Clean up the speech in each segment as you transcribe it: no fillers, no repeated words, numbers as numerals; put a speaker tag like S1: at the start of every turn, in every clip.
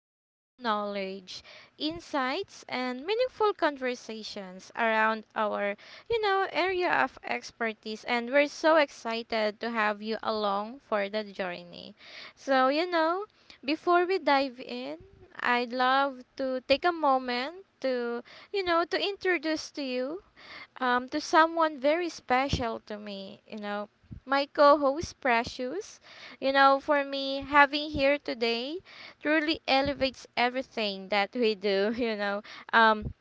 S1: to share knowledge, insights, and meaningful conversations around our area of expertise. And we're so excited to have you along for the journey. So, before we dive in, I'd love to take a moment to introduce to you to someone very special to me, my co-host Precious. You know, for me, having here today truly elevates everything that we do, Um,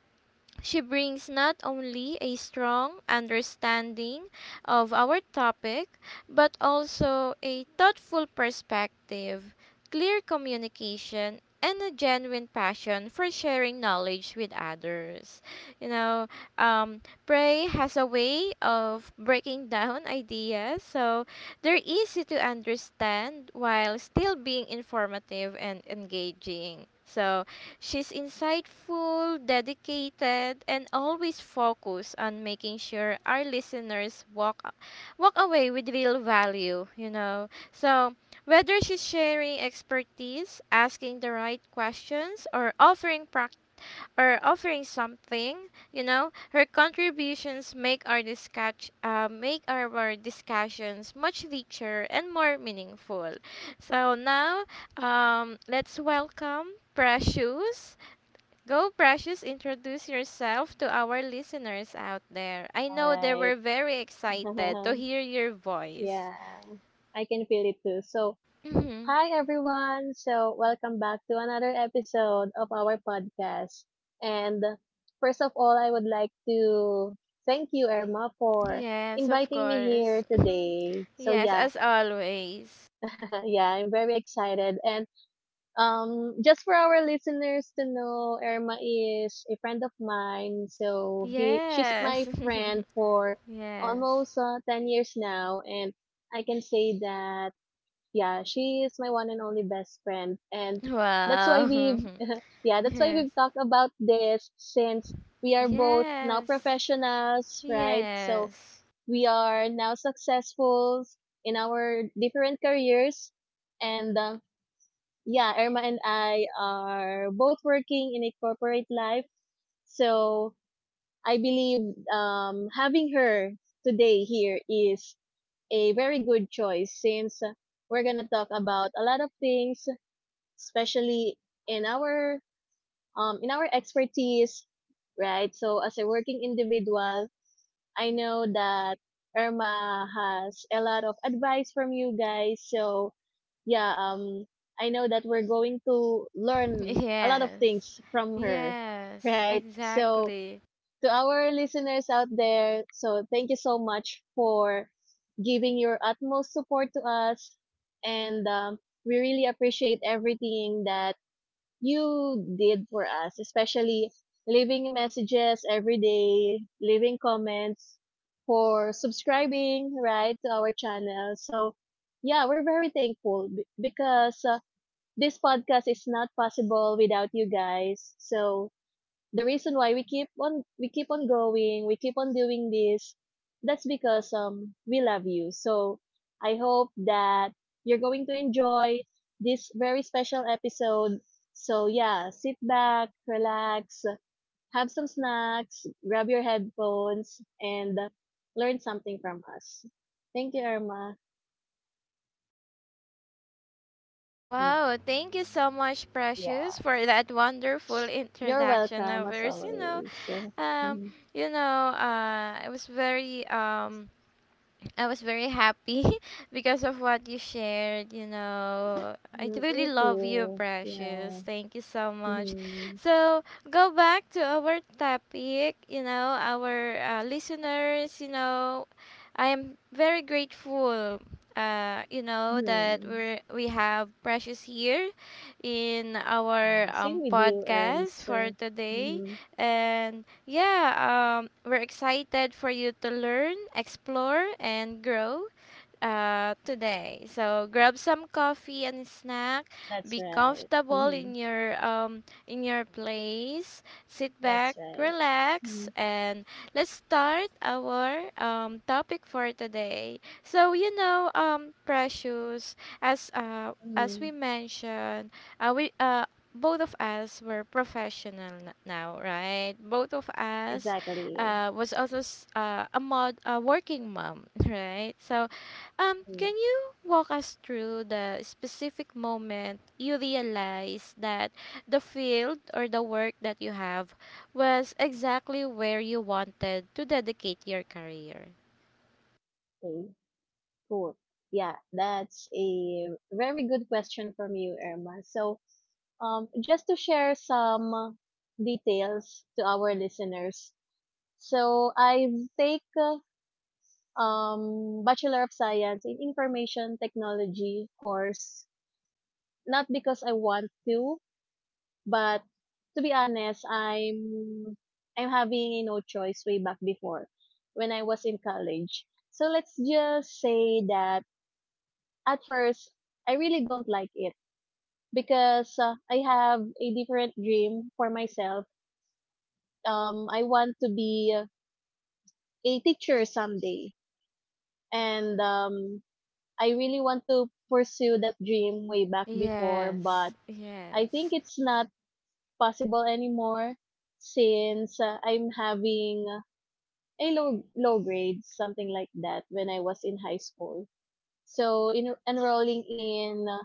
S1: she brings not only a strong understanding of our topic, but also a thoughtful perspective, clear communication, and a genuine passion for sharing knowledge with others. You know, um, Prey has a way of breaking down ideas, so they're easy to understand while still being informative and engaging. So, she's insightful, dedicated, and always focused on making sure our listeners walk away with real value, you know. So, whether she's sharing expertise, asking the right questions, or or offering something, you know, her contributions make make our discussions much richer and more meaningful. So now, let's welcome Precious. Go, Precious, introduce yourself to our listeners out there. I
S2: All
S1: know they were
S2: right.
S1: very excited to hear your voice.
S2: yeah, I can feel it too. So,
S1: Mhm.
S2: hi everyone. So, welcome back to another episode of our podcast. And first of all, I would like to thank you, Irma, for
S1: Yes, of
S2: inviting me here
S1: course.
S2: today. So,
S1: Yes,
S2: yeah,
S1: as always.
S2: yeah, I'm very excited. And Just for our listeners to know, Irma is a friend of mine. She's my
S1: Yes.
S2: friend for
S1: Yes.
S2: almost 10 years now. And I can say that, yeah, she is my one and only best friend. And that's why
S1: Wow.
S2: we have that's why
S1: Yes.
S2: we've talked about this since we are both now
S1: Yes.
S2: professionals, right? So
S1: Yes.
S2: we are now successful in our different careers. And yeah, Irma and I are both working in a corporate life. So I believe having her today here is a very good choice since we're gonna talk about a lot of things, especially in our in our expertise, right? So as a working individual, I know that Irma has a lot of advice from you guys. So yeah, I know that we're going to learn a lot of
S1: Yes.
S2: things from her,
S1: Yes.
S2: right? So
S1: Exactly.
S2: to our listeners out there, so thank you so much for giving your utmost support to us, and we really appreciate everything that you did for us, especially leaving messages every day, leaving comments, for subscribing, right, to our channel. So, yeah, we're very thankful because this podcast is not possible without you guys. So, the reason why we keep on going, we keep on doing this, that's because we love you. So I hope that you're going to enjoy this very special episode. So yeah, sit back, relax, have some snacks, grab your headphones, and learn something from us. Thank you, Irma. Mm.
S1: Wow, thank you so much, Precious,
S2: Yeah.
S1: for that wonderful
S2: You're
S1: introduction
S2: welcome,
S1: of
S2: as
S1: yours.
S2: always.
S1: Um,
S2: Mhm.
S1: it was very, I was very happy because of what you shared. You know, I
S2: Mm,
S1: really
S2: me
S1: love you,
S2: too.
S1: Precious.
S2: Yeah.
S1: Thank you so much. So, go back to our topic. Our listeners, you know, I am very grateful. You know that
S2: Hmm.
S1: we have Precious here in our
S2: Same
S1: um,
S2: with you,
S1: podcast
S2: Erms.
S1: for today,
S2: Mhm.
S1: and yeah, we're excited for you to learn, explore, and grow today. So grab some coffee and snack.
S2: That's
S1: Be
S2: right.
S1: comfortable
S2: Hmm.
S1: in your, in your place. Sit
S2: That's
S1: back,
S2: right.
S1: relax,
S2: Mm-hmm.
S1: and let's start our topic for today. So, precious, as
S2: Mm-hmm.
S1: we mentioned, we both of us were now, right? Both of us
S2: Exactly.
S1: was also s- a mod a working mom, right? So,
S2: Mm.
S1: can you walk us through the specific moment you realized that the field or the work that you have was exactly where you wanted to dedicate your career?
S2: Okay, cool. Yeah, that's a very good question from you, Irma. So, just to share some details to our listeners. So, I take Bachelor of Science in Information Technology course, not because I want to, but to be honest, I'm having a no choice way back before, when I was in college. So let's just say that at first I really don't like it because I have a different dream for myself. I want to be a teacher someday, and I really want to pursue that dream way back before.
S1: Yes,
S2: But I think
S1: yes.
S2: it's not possible anymore since I'm having a low grades, something like that, when I was in high school. So in enrolling in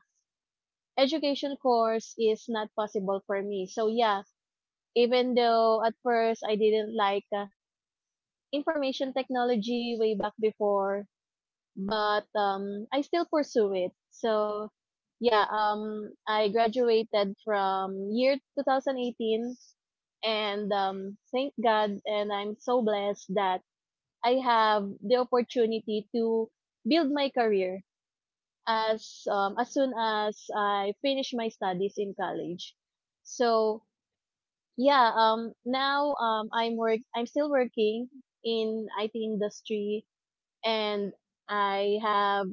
S2: education course is not possible for me. So yeah, even though at first I didn't like information technology way back before, but I still pursue it. So yeah, I graduated from year 2018, and thank God and I'm so blessed that I have the opportunity to build my career as soon as I finish my studies in college. So yeah, now I'm still working in IT industry, and I have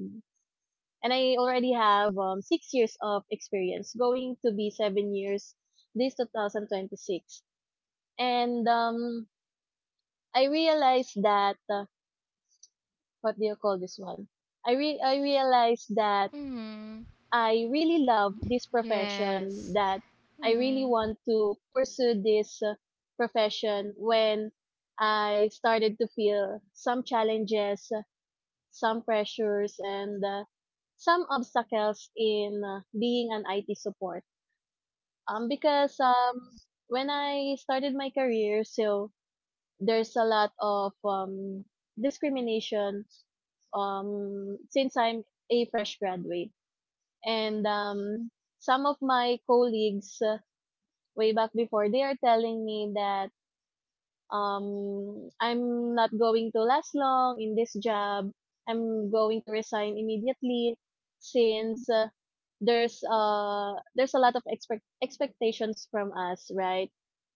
S2: I already have 6 years of experience, going to be 7 years this 2026. And I realized that what do you call this one? I realized that
S1: Mm,
S2: I really love this profession,
S1: yes.
S2: that I really
S1: Mm,
S2: want to pursue this profession. When I started to feel some challenges, some pressures, and some obstacles in being an IT support. Because when I started my career, so there's a lot of discrimination, since I'm a fresh graduate. And some of my colleagues way back before, they are telling me that I'm not going to last long in this job. I'm going to resign immediately since there's a lot of expectations from us, right?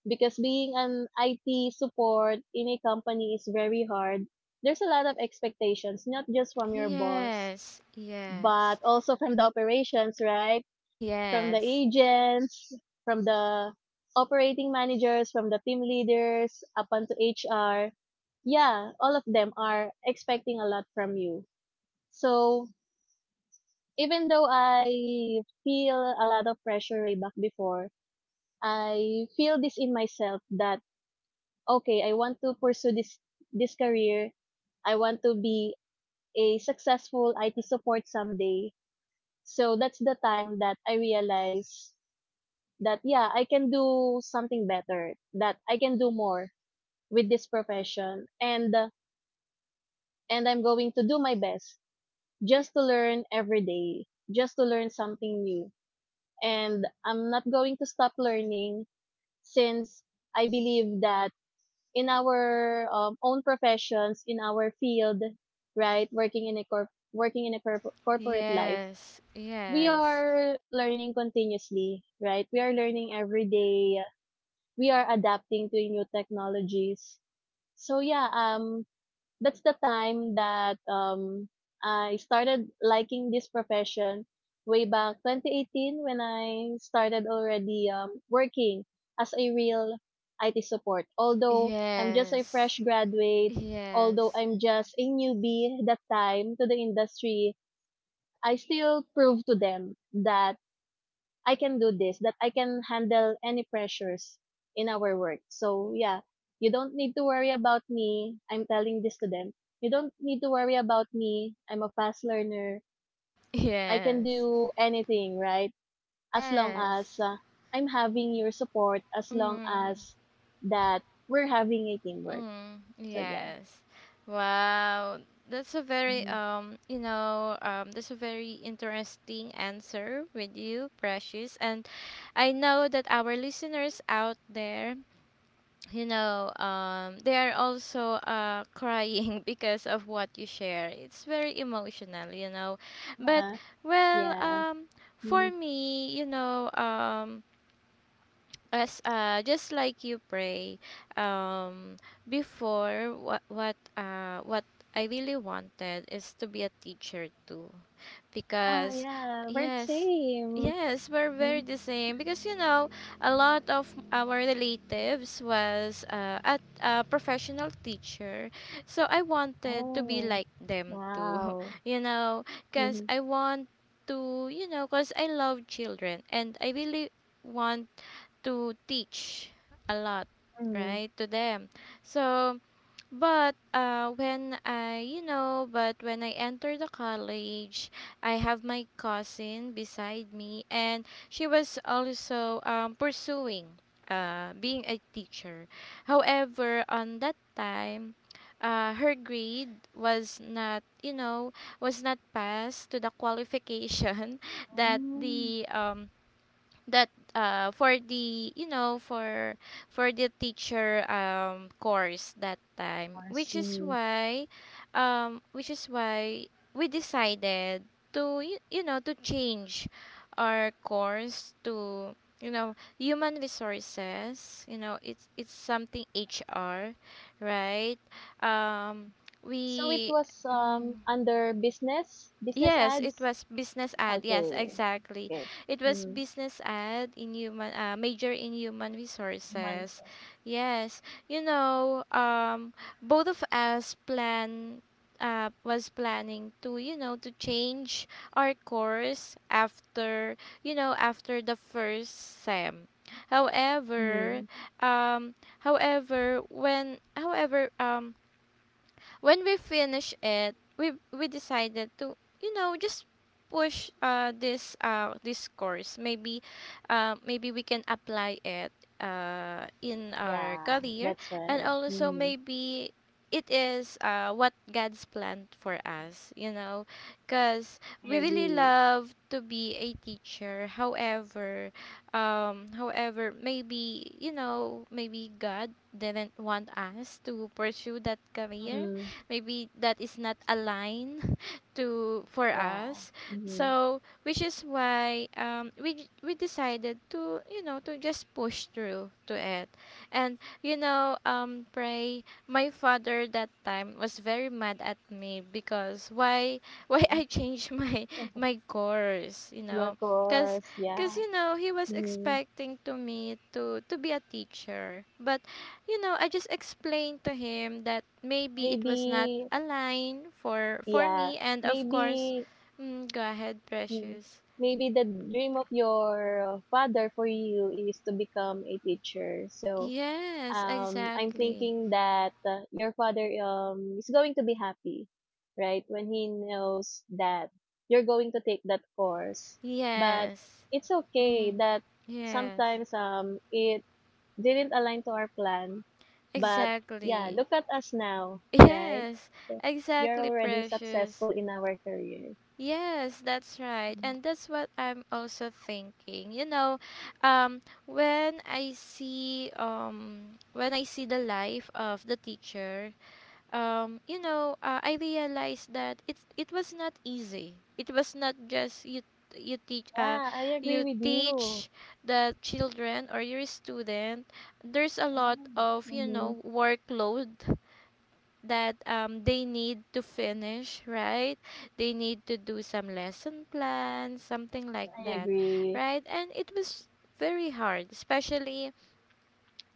S2: Because being an IT support in a company is very hard. There's a lot of expectations, not just from your boss,
S1: yes,
S2: but
S1: yes.
S2: also from the operations, right? From the
S1: Yes,
S2: agents, from the operating managers, from the team leaders, up onto HR. Yeah, all of them are expecting a lot from you. So, even though I feel a lot of pressure way back before, I feel this in myself that okay, I want to pursue this career. I want to be a successful IT support someday. So that's the time that I realized that yeah, I can do something better, that I can do more with this profession, and I'm going to do my best just to learn every day, just to learn something new, and I'm not going to stop learning since I believe that in our own professions, in our field, right, working in a corporate life,
S1: yes,
S2: we
S1: yes.
S2: are learning continuously, right, we are learning every day, we are adapting to new technologies. So yeah, that's the time that I started liking this profession, way back 2018, when I started already working as a real IT support. Although I'm just a fresh
S1: Yes,
S2: graduate, although
S1: yes,
S2: I'm just a newbie that time to the industry, I still prove to them that I can do this, that I can handle any pressures in our work. So yeah, you don't need to worry about me. I'm telling this to them. You don't need to worry about me. I'm a fast learner. I can
S1: yes.
S2: do anything, right? As long as
S1: Yes.
S2: I'm having your support, as long
S1: Mm,
S2: as that we're having a teamwork.
S1: mm,
S2: So yeah.
S1: yes. Wow. That's a very
S2: Mhm.
S1: you know that's a very interesting answer with you, Precious. And I know that our listeners out there, you know, they are also crying because of what you share. It's very emotional, you know. But
S2: Yeah.
S1: well,
S2: Yeah.
S1: um for
S2: Mhm.
S1: me, you know, as just like you, pray, um before what I really wanted is to be a teacher too
S2: Oh,
S1: because
S2: yeah. We're the
S1: yes,
S2: same.
S1: yes, we're very
S2: Mhm.
S1: the same because you know a lot of our relatives was at a professional teacher, so I wanted to be
S2: Oh,
S1: like them too
S2: wow.
S1: you know,
S2: Mm-hmm.
S1: because I want to, because I love children and I really want to teach a lot,
S2: Mm-hmm.
S1: right, to them. So but when I entered the college, I have my cousin beside me and she was also pursuing being a teacher. However, on that time, her grade was not you know was not passed to the qualification that
S2: Mm,
S1: the that for the you know for the teacher course that time,
S2: I
S1: which is
S2: see.
S1: why um, which is why we decided to change our course to human resources. You know, it's something HR, right? um
S2: So it
S1: we
S2: was
S1: Mm,
S2: under business, business
S1: yes, it
S2: ads?
S1: was business ad. Yes,
S2: Okay.
S1: exactly.
S2: Okay.
S1: It was
S2: Mm.
S1: business ad in human major in human
S2: Human
S1: resources.
S2: resources.
S1: Yes. You know, um, both of us plan, was planning to, to change our course after, after the first sem. However,
S2: Mm.
S1: however, when we finish it, we decided to just push this course. Maybe, maybe we can apply it in our
S2: Yeah,
S1: career,
S2: that's
S1: and
S2: right.
S1: also
S2: Mm.
S1: maybe it is what God's planned for us. You know, cause we
S2: I
S1: really
S2: agree.
S1: love to be a teacher. However, maybe, maybe god didn't want us to pursue that career,
S2: Mm.
S1: maybe that is not aligned to for us.
S2: Yeah. Mm.
S1: So, which is why we decided to, to just push through to it. And pray, my father that time was very mad at me because why why I changed my my course, you
S2: Yeah,
S1: know,
S2: of
S1: because
S2: course.
S1: because
S2: Yeah.
S1: you know he was
S2: Mm.
S1: expecting to me to be a teacher. But you know, I just explained to him that maybe it was not
S2: Maybe,
S1: a line for
S2: yeah.
S1: me, and of course,
S2: Maybe,
S1: mm, go ahead,
S2: mm,
S1: precious.
S2: maybe the dream of your father for you is to become a teacher. So,
S1: Yes,
S2: I'm
S1: exactly.
S2: thinking that your father is going to be happy, right? When he knows that you're going to take that course, but
S1: Yes.
S2: it's okay
S1: Mm-hmm.
S2: that
S1: Yes,
S2: sometimes it didn't align to our plan, but yeah,
S1: exactly.
S2: look at us now, right?
S1: Yes,
S2: So, we are
S1: exactly,
S2: already
S1: precious.
S2: successful in our career.
S1: Yes, that's right. And that's what I'm also thinking. You know, um when I see the life of the teacher, I realized that it was not easy. It was not just you teach
S2: Yeah, I agree
S1: you
S2: with you.
S1: teach the children or your student. There's a lot
S2: Totally.
S1: of, you
S2: Mm-hmm.
S1: know, workload that they need to finish, right, they need to do some lesson plans, something like
S2: I
S1: that,
S2: agree.
S1: right. And it was very hard, especially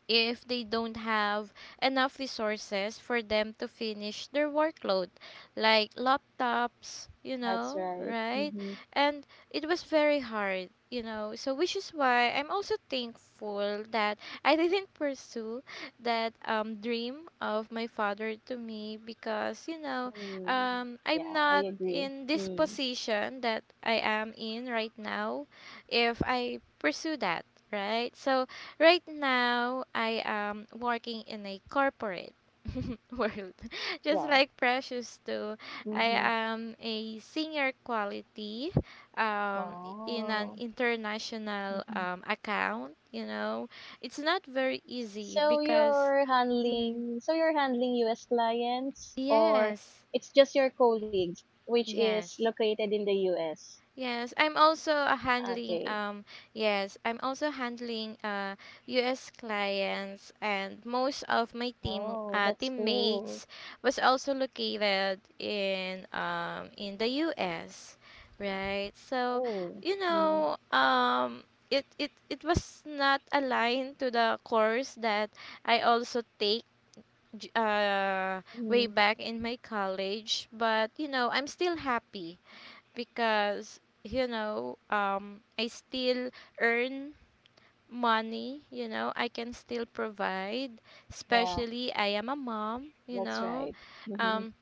S1: if they don't have enough resources for them to finish their workload, like laptops, you
S2: That's
S1: know,
S2: right.
S1: right?
S2: Mm-hmm.
S1: And it was very hard, you know. So, which is why I'm also thankful that I didn't pursue that dream of my father to me because, you know,
S2: Mm. Yeah,
S1: I'm
S2: I
S1: not
S2: agree.
S1: in this
S2: Mm.
S1: position that I am in right now if I pursue that, right? So, right now, I am working in a corporate world. Just
S2: Yeah.
S1: like Precious too, I
S2: Mm-hmm.
S1: am a senior quality um, in an
S2: Wow.
S1: international
S2: Hmm.
S1: account. You know, it's not very easy because mhm,
S2: So you're handling US clients, or
S1: yes,
S2: it's just your colleague, which is
S1: yes.
S2: located in the US.
S1: Yes, I'm also handling
S2: Okay.
S1: yes, I'm also handling US clients, and most of my
S2: Oh, that's cool.
S1: teammates was also located in the US, right? So,
S2: Cool.
S1: you
S2: Mm-hmm.
S1: know, it was not aligned to the course that I also take j- uh way
S2: Mm-hmm.
S1: back in my college. But you know, I'm still happy because I still earn money, you know, I can still provide,
S2: Yeah,
S1: especially I am a mom, you
S2: that's
S1: know,
S2: right. Mm-hmm.
S1: um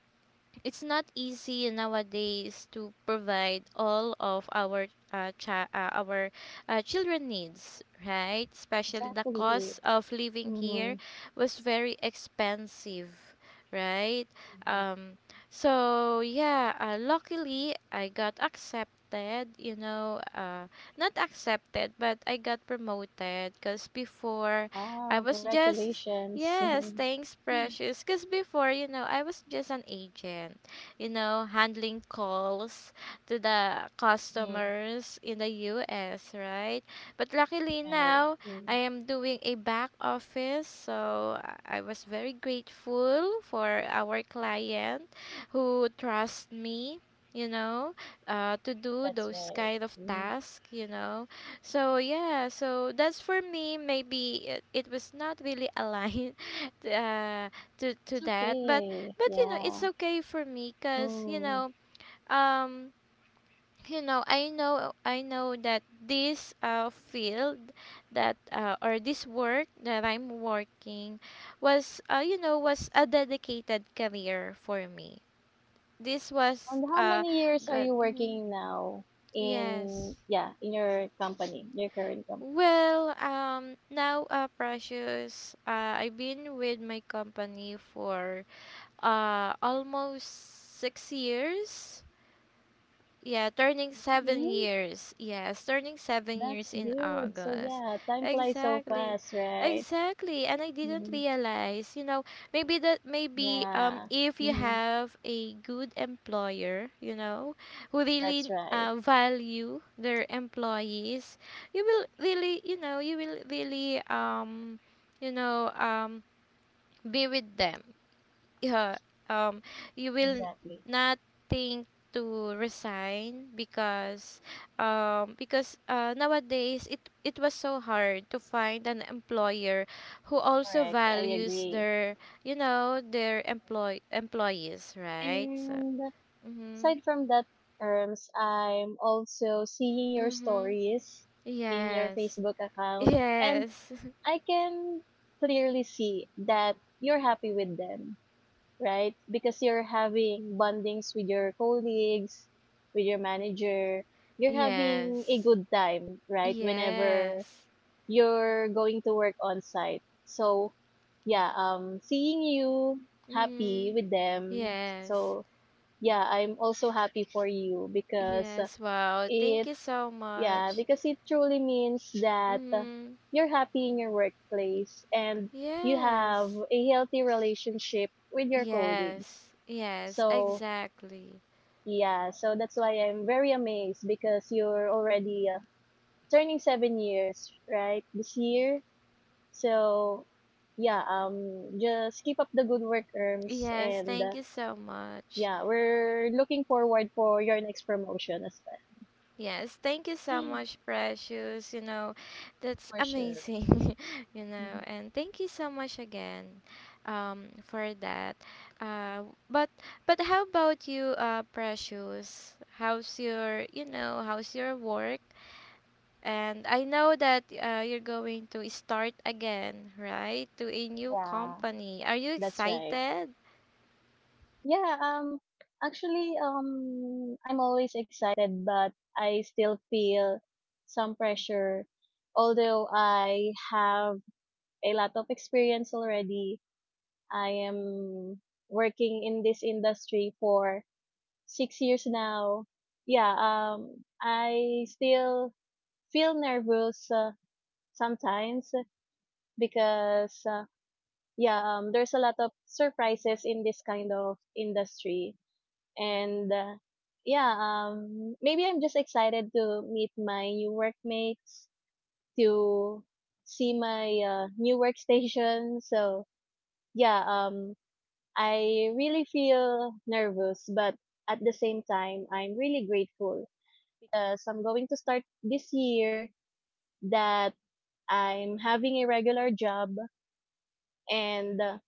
S1: it's not easy nowadays to provide all of our our children needs, right, especially the cost
S2: Exactly.
S1: of living here
S2: Mm-hmm.
S1: was very expensive, right.
S2: Mm-hmm.
S1: Um so yeah, luckily I got accepted, you know, uh, not accepted but I got promoted because before I
S2: Wow.
S1: was just,
S2: Congratulations.
S1: yes, thanks, Precious. Because before, you know, I was just an agent, you know, handling calls to the
S2: Mm.
S1: customers in the US, right? But luckily
S2: Right.
S1: now, I
S2: Mm.
S1: am doing a back office. So I was very grateful for our client who trusts me, you know, to do
S2: That's
S1: those
S2: right.
S1: kind of
S2: Mm.
S1: tasks, you know. So yeah, so that's for me. Maybe it was not really aligned t- uh, to to
S2: It's
S1: that,
S2: okay.
S1: but you know it's
S2: Yeah.
S1: okay for me because
S2: Mm.
S1: um I know, I know that this field that or this work that I'm working was was a dedicated career for me. This was
S2: And how many years are
S1: good.
S2: you
S1: Mhm,
S2: working now in,
S1: yes.
S2: yeah, in your company, your current company?
S1: Well, now, Precious, I've been with my company for almost 6 years. Yeah, turning seven
S2: Really?
S1: years. Yes, turning 7 years
S2: That's
S1: in
S2: good. So
S1: August.
S2: yeah, time flies so
S1: Exactly.
S2: fast, right?
S1: Exactly. And I didn't
S2: Mm-hmm.
S1: realize, you know, maybe
S2: Yeah.
S1: if you
S2: Mm-hmm.
S1: have a good employer, you know, who
S2: That's
S1: really
S2: right.
S1: value their employees, you will really, you know, you will really you know, um be with them. Yeah, um, you will
S2: Exactly.
S1: not think to resign because nowadays it it was so hard to find an employer who also
S2: Correct. I
S1: values
S2: agree.
S1: their, you know, their employees, right. So
S2: And
S1: mhm,
S2: aside from that terms, I'm also seeing your
S1: mhm,
S2: stories in your
S1: yes,
S2: Facebook account. And
S1: yes,
S2: I can clearly see that you're happy with them, right? Because you're having bondings with your colleagues, with your manager. You're having a
S1: yes,
S2: good time, right? Whenever
S1: yes,
S2: you're going to work on site. So, yeah, seeing you happy
S1: mm,
S2: with them.
S1: yes.
S2: So, yeah, I'm also happy for you because uh,
S1: Yes, wow. Thank you so
S2: yeah,
S1: much.
S2: because it truly means that
S1: Mm,
S2: you're happy in your workplace and you have
S1: yes.
S2: a healthy relationship with your colleagues.
S1: Yes. Yes,
S2: So,
S1: exactly.
S2: yeah, so that's why I'm very amazed because you're already turning 7 years, right? This year. So, yeah, just keep up the good work, Erms,
S1: Yes,
S2: and
S1: thank you so much.
S2: yeah, we're looking forward for your next promotion as well.
S1: Yes, thank you so much, Precious. You know, that's
S2: For sure.
S1: amazing. You know,
S2: Mhm.
S1: and thank you so much again for that. Uh but but how about you, Precious? How's your, you know, how's your work? And I know that you're going to start again, right? To a new
S2: Yeah,
S1: company. Are you
S2: that's right.
S1: excited?
S2: Yeah, um actually I'm always excited, but I still feel some pressure, although I have a lot of experience already. I am working in this industry for 6 years now. Yeah, I still feel nervous sometimes because yeah, there's a lot of surprises in this kind of industry, and yeah, maybe I'm just excited to meet my new workmates, to see my new workstation. So yeah, I really feel nervous, but at the same time I'm really grateful because I'm going to start this year, that I'm having a regular job, and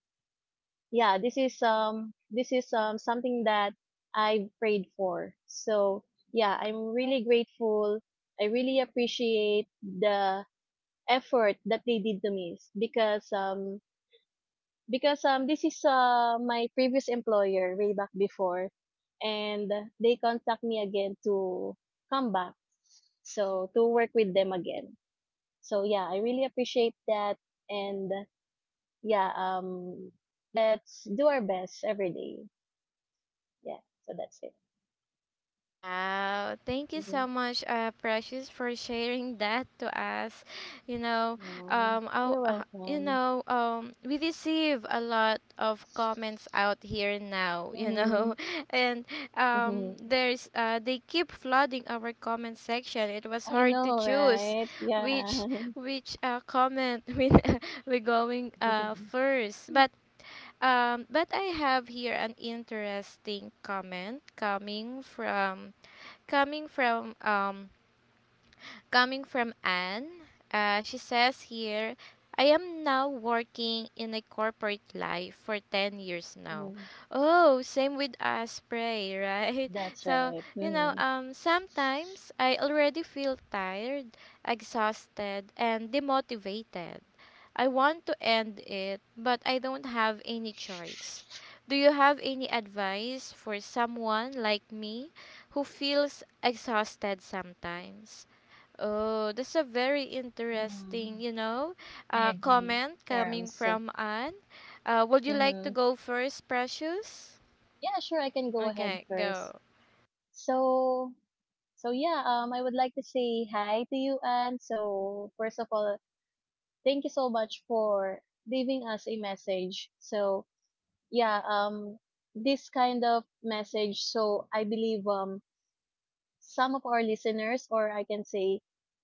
S2: yeah, this is something that I've prayed for. So yeah, I'm really grateful. I really appreciate the effort that they did to me, because this is my previous employer way back before, and they contact me again to come back, so to work with them again. So yeah, I really appreciate that, and yeah, let's do our best every day. Yeah, so that's it.
S1: Wow, thank you
S2: Hmm.
S1: so much, Precious, for sharing that to us. You know,
S2: Yeah,
S1: oh,
S2: you're
S1: you
S2: welcome.
S1: know, we receive a lot of comments out here now. You
S2: Mm-hmm.
S1: know, and
S2: Mm-hmm.
S1: there's they keep flooding our comment section. It was
S2: I
S1: hard to
S2: know,
S1: choose
S2: right?
S1: which
S2: Yeah.
S1: which comment we going first, but I have here an interesting comment coming from um coming from Anne. She says here, I am now working in a corporate life for 10 years now.
S2: Mhm.
S1: Oh, same with us, pray, right?
S2: That's
S1: So,
S2: right.
S1: you know,
S2: Mm-hmm.
S1: sometimes I already feel tired, exhausted, and demotivated. I want to end it, but I don't have any choice. Do you have any advice for someone like me who feels exhausted sometimes? Oh, that's a very
S2: Mm-hmm.
S1: interesting, you know,
S2: I agree,
S1: comment coming
S2: Arms.
S1: from Anne. Would you like to
S2: Mm-hmm.
S1: go first, Precious?
S2: Yeah, sure, I can go ahead
S1: Okay,
S2: first.
S1: go.
S2: So, I would like to say hi to you, Anne. So, first of all, thank you so much for leaving us a message. So, yeah um this kind of message, so I believe, some of our listeners, or I can say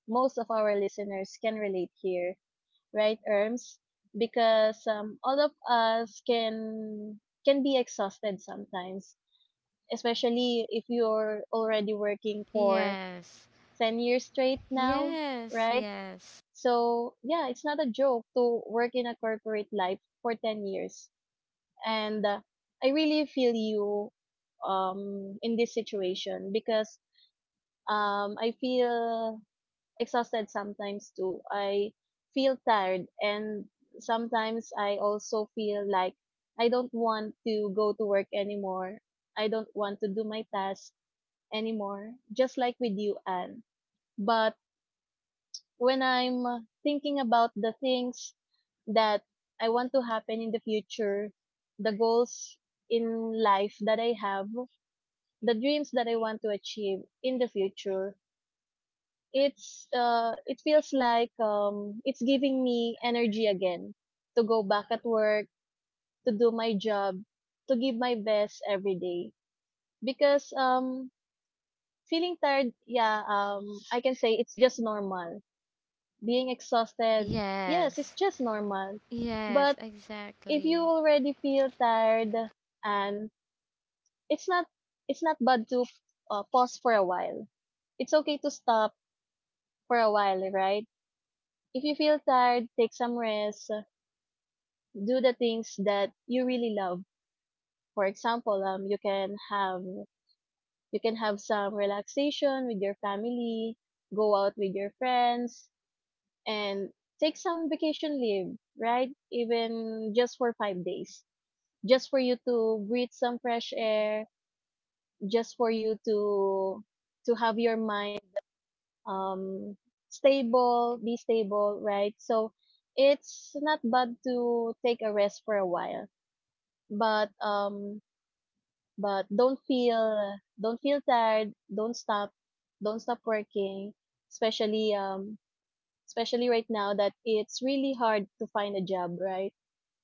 S2: most of our listeners, can relate here, right, Erms? Because all of us can be exhausted sometimes, especially if you're already working for
S1: Yes,
S2: 10 years straight now,
S1: yes,
S2: right?
S1: yes,
S2: So yeah, it's not a joke to work in a corporate life for 10 years. And I really feel you in this situation because I feel exhausted sometimes too. I feel tired, and sometimes I also feel like I don't want to go to work anymore. I don't want to do my task anymore, just like with you, Anne. But when I'm thinking about the things that I want to happen in the future, the goals in life that I have, the dreams that I want to achieve in the future, it feels like it's giving me energy again to go back at work, to do my job, to give my best every day. Because feeling tired, yeah, I can say it's just normal being exhausted, yes, it's
S1: yes,
S2: just normal. But
S1: yes,
S2: if you
S1: exactly.
S2: already feel tired and it's not it's not bad to pause for a while. It's okay to stop for a while, right? If you feel tired, take some rest, do the things that you really love. For example, you can have some relaxation with your family, go out with your friends, and take some vacation leave, right? Even just for 5 days, just for you to breathe some fresh air, just for you to have your mind um stable, be stable, right? So it's not bad to take a rest for a while, but um but don't feel tired, don't stop working, especially um especially right now that it's really hard to find a job, right?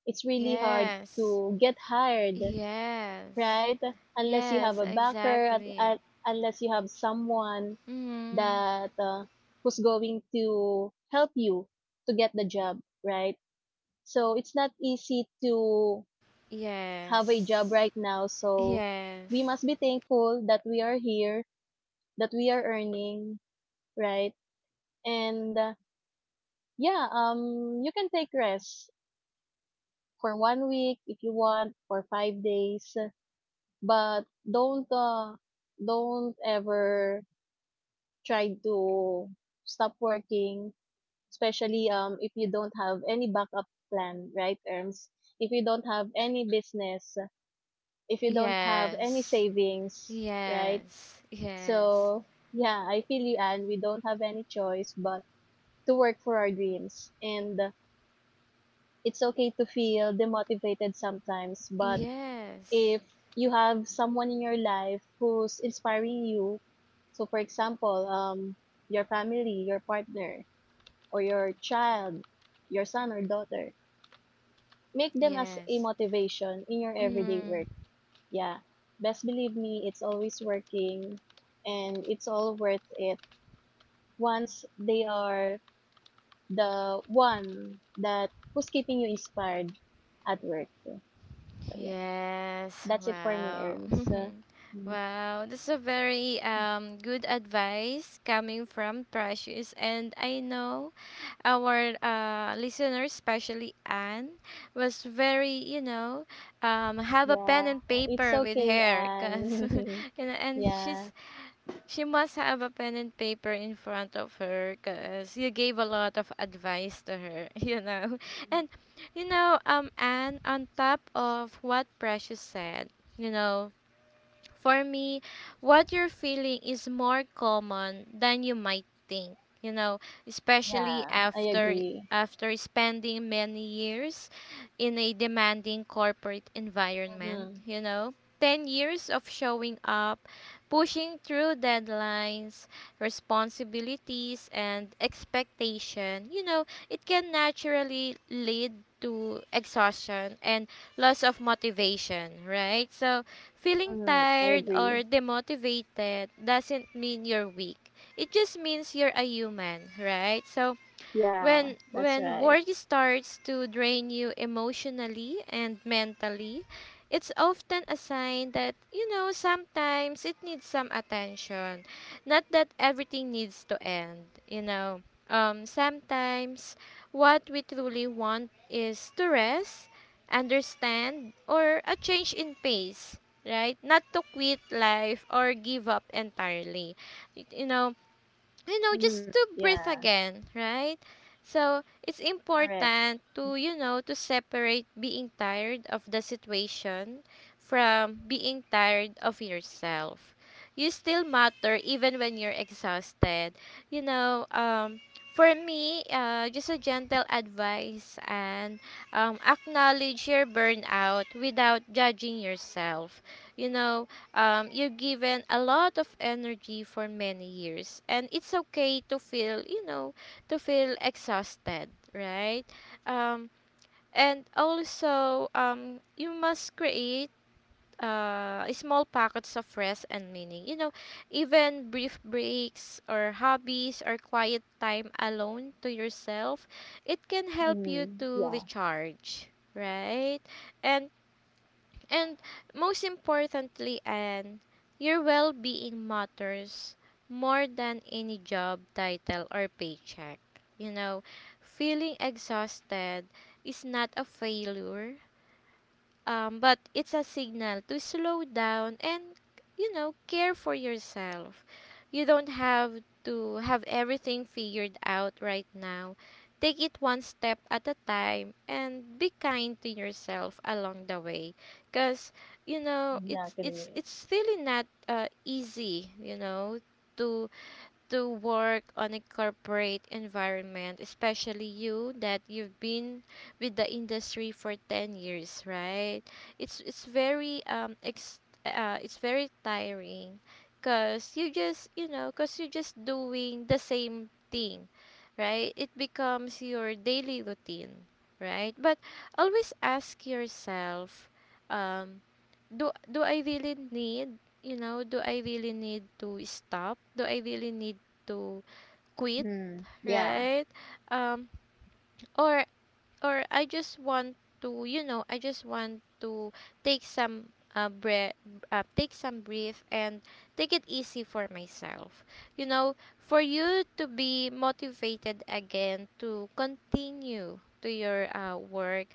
S2: It's really hard
S1: Yes.
S2: to get hired,
S1: Yes.
S2: right? Unless you have
S1: Yes,
S2: a backer,
S1: exactly.
S2: unless you have someone
S1: Mm.
S2: that who's going to help you to get the job, right? So it's not easy to have a job
S1: Yes.
S2: right now. So we
S1: Yes.
S2: must be thankful that we are here, that we are earning, right? And yeah, you can take rest for 1 week if you want, for 5 days, but don't uh, don't ever try to stop working, especially if you don't have any backup plan, right, Erms? If you don't have any business, if you don't have any
S1: Yes.
S2: savings, right?
S1: Yes. Yes.
S2: So yeah, I feel you, and we don't have any choice but to work for our dreams. And it's okay to feel demotivated sometimes, but
S1: Yes.
S2: if you have someone in your life who's inspiring you, so for example, your family, your partner, or your child, your son or daughter, make them as a
S1: Yes.
S2: motivation in your everyday
S1: Mm.
S2: work. Yeah. Best believe me, it's always working, and it's all worth it once they are the one that who's keeping you inspired at work. So yeah,
S1: Yes.
S2: that's it for me,
S1: Wow.
S2: Erms. Mm,
S1: Wow. This is a very good advice coming from Precious, and I know our listener, especially Anne, was very, you know, have a pen
S2: yeah,
S1: and
S2: it's
S1: paper with
S2: okay,
S1: her, cause,
S2: and
S1: you know, and
S2: yeah,
S1: she's she must have a pen and paper in front of her, cause you gave a lot of advice to her, you know, and you know, Anne, on top of what Precious said, you know, for me, what you're feeling is more common than you might think, you know, especially
S2: yeah, I agree.
S1: after spending many years in a demanding corporate environment,
S2: Mm-hmm.
S1: you know. 10 years of showing up, pushing through deadlines, responsibilities, and expectation, you know, it can naturally lead to exhaustion and loss of motivation, right? So feeling
S2: Mm-hmm. I
S1: tired
S2: agree.
S1: or demotivated doesn't mean you're weak. It just means you're a human, right? So
S2: Yeah,
S1: when
S2: that's
S1: when
S2: right.
S1: work starts to drain you emotionally and mentally, it's often a sign that, you know, sometimes it needs some attention, not that everything needs to end, you know. Sometimes what we truly want is to rest, understand, or a change in pace, right? Not to quit life or give up entirely, you know. You know,
S2: Mm-hmm.
S1: just to breathe
S2: Yeah,
S1: again, right? So it's
S2: correct.
S1: important to, you know, to separate being tired of the situation from being tired of yourself. You still matter even when you're exhausted, you know. For me, just a gentle advice, and acknowledge your burnout without judging yourself, you know. You've given a lot of energy for many years, and it's okay to feel, you know, to feel exhausted, right? um, and also, you must create small pockets of rest and meaning, you know, even brief breaks or hobbies or quiet time alone to yourself. It can help you
S2: Mm-hmm.
S1: to
S2: Yeah,
S1: recharge, right? and and most importantly, and your well being matters more than any job title or paycheck. You know, feeling exhausted is not a failure, but it's a signal to slow down and, you know, care for yourself. You don't have to have everything figured out right now. Take it one step at a time and be kind to yourself along the way. Because, you know, it's it's
S2: exactly.
S1: it's really not easy, you know, to to work on a corporate environment, especially you that you've been with the industry for 10 years, right? It's very it's very tiring, cuz you just, you know, cuz you're just doing the same thing, right? It becomes your daily routine, right? But always ask yourself, um do I really need, you know, do I really need to stop? Do I really need to quit,
S2: Mm-hmm. Yeah,
S1: right? Um, or or I just want to, you know, I just want to take some breath, take some breath, and take it easy for myself. You know, for you to be motivated again to continue to your work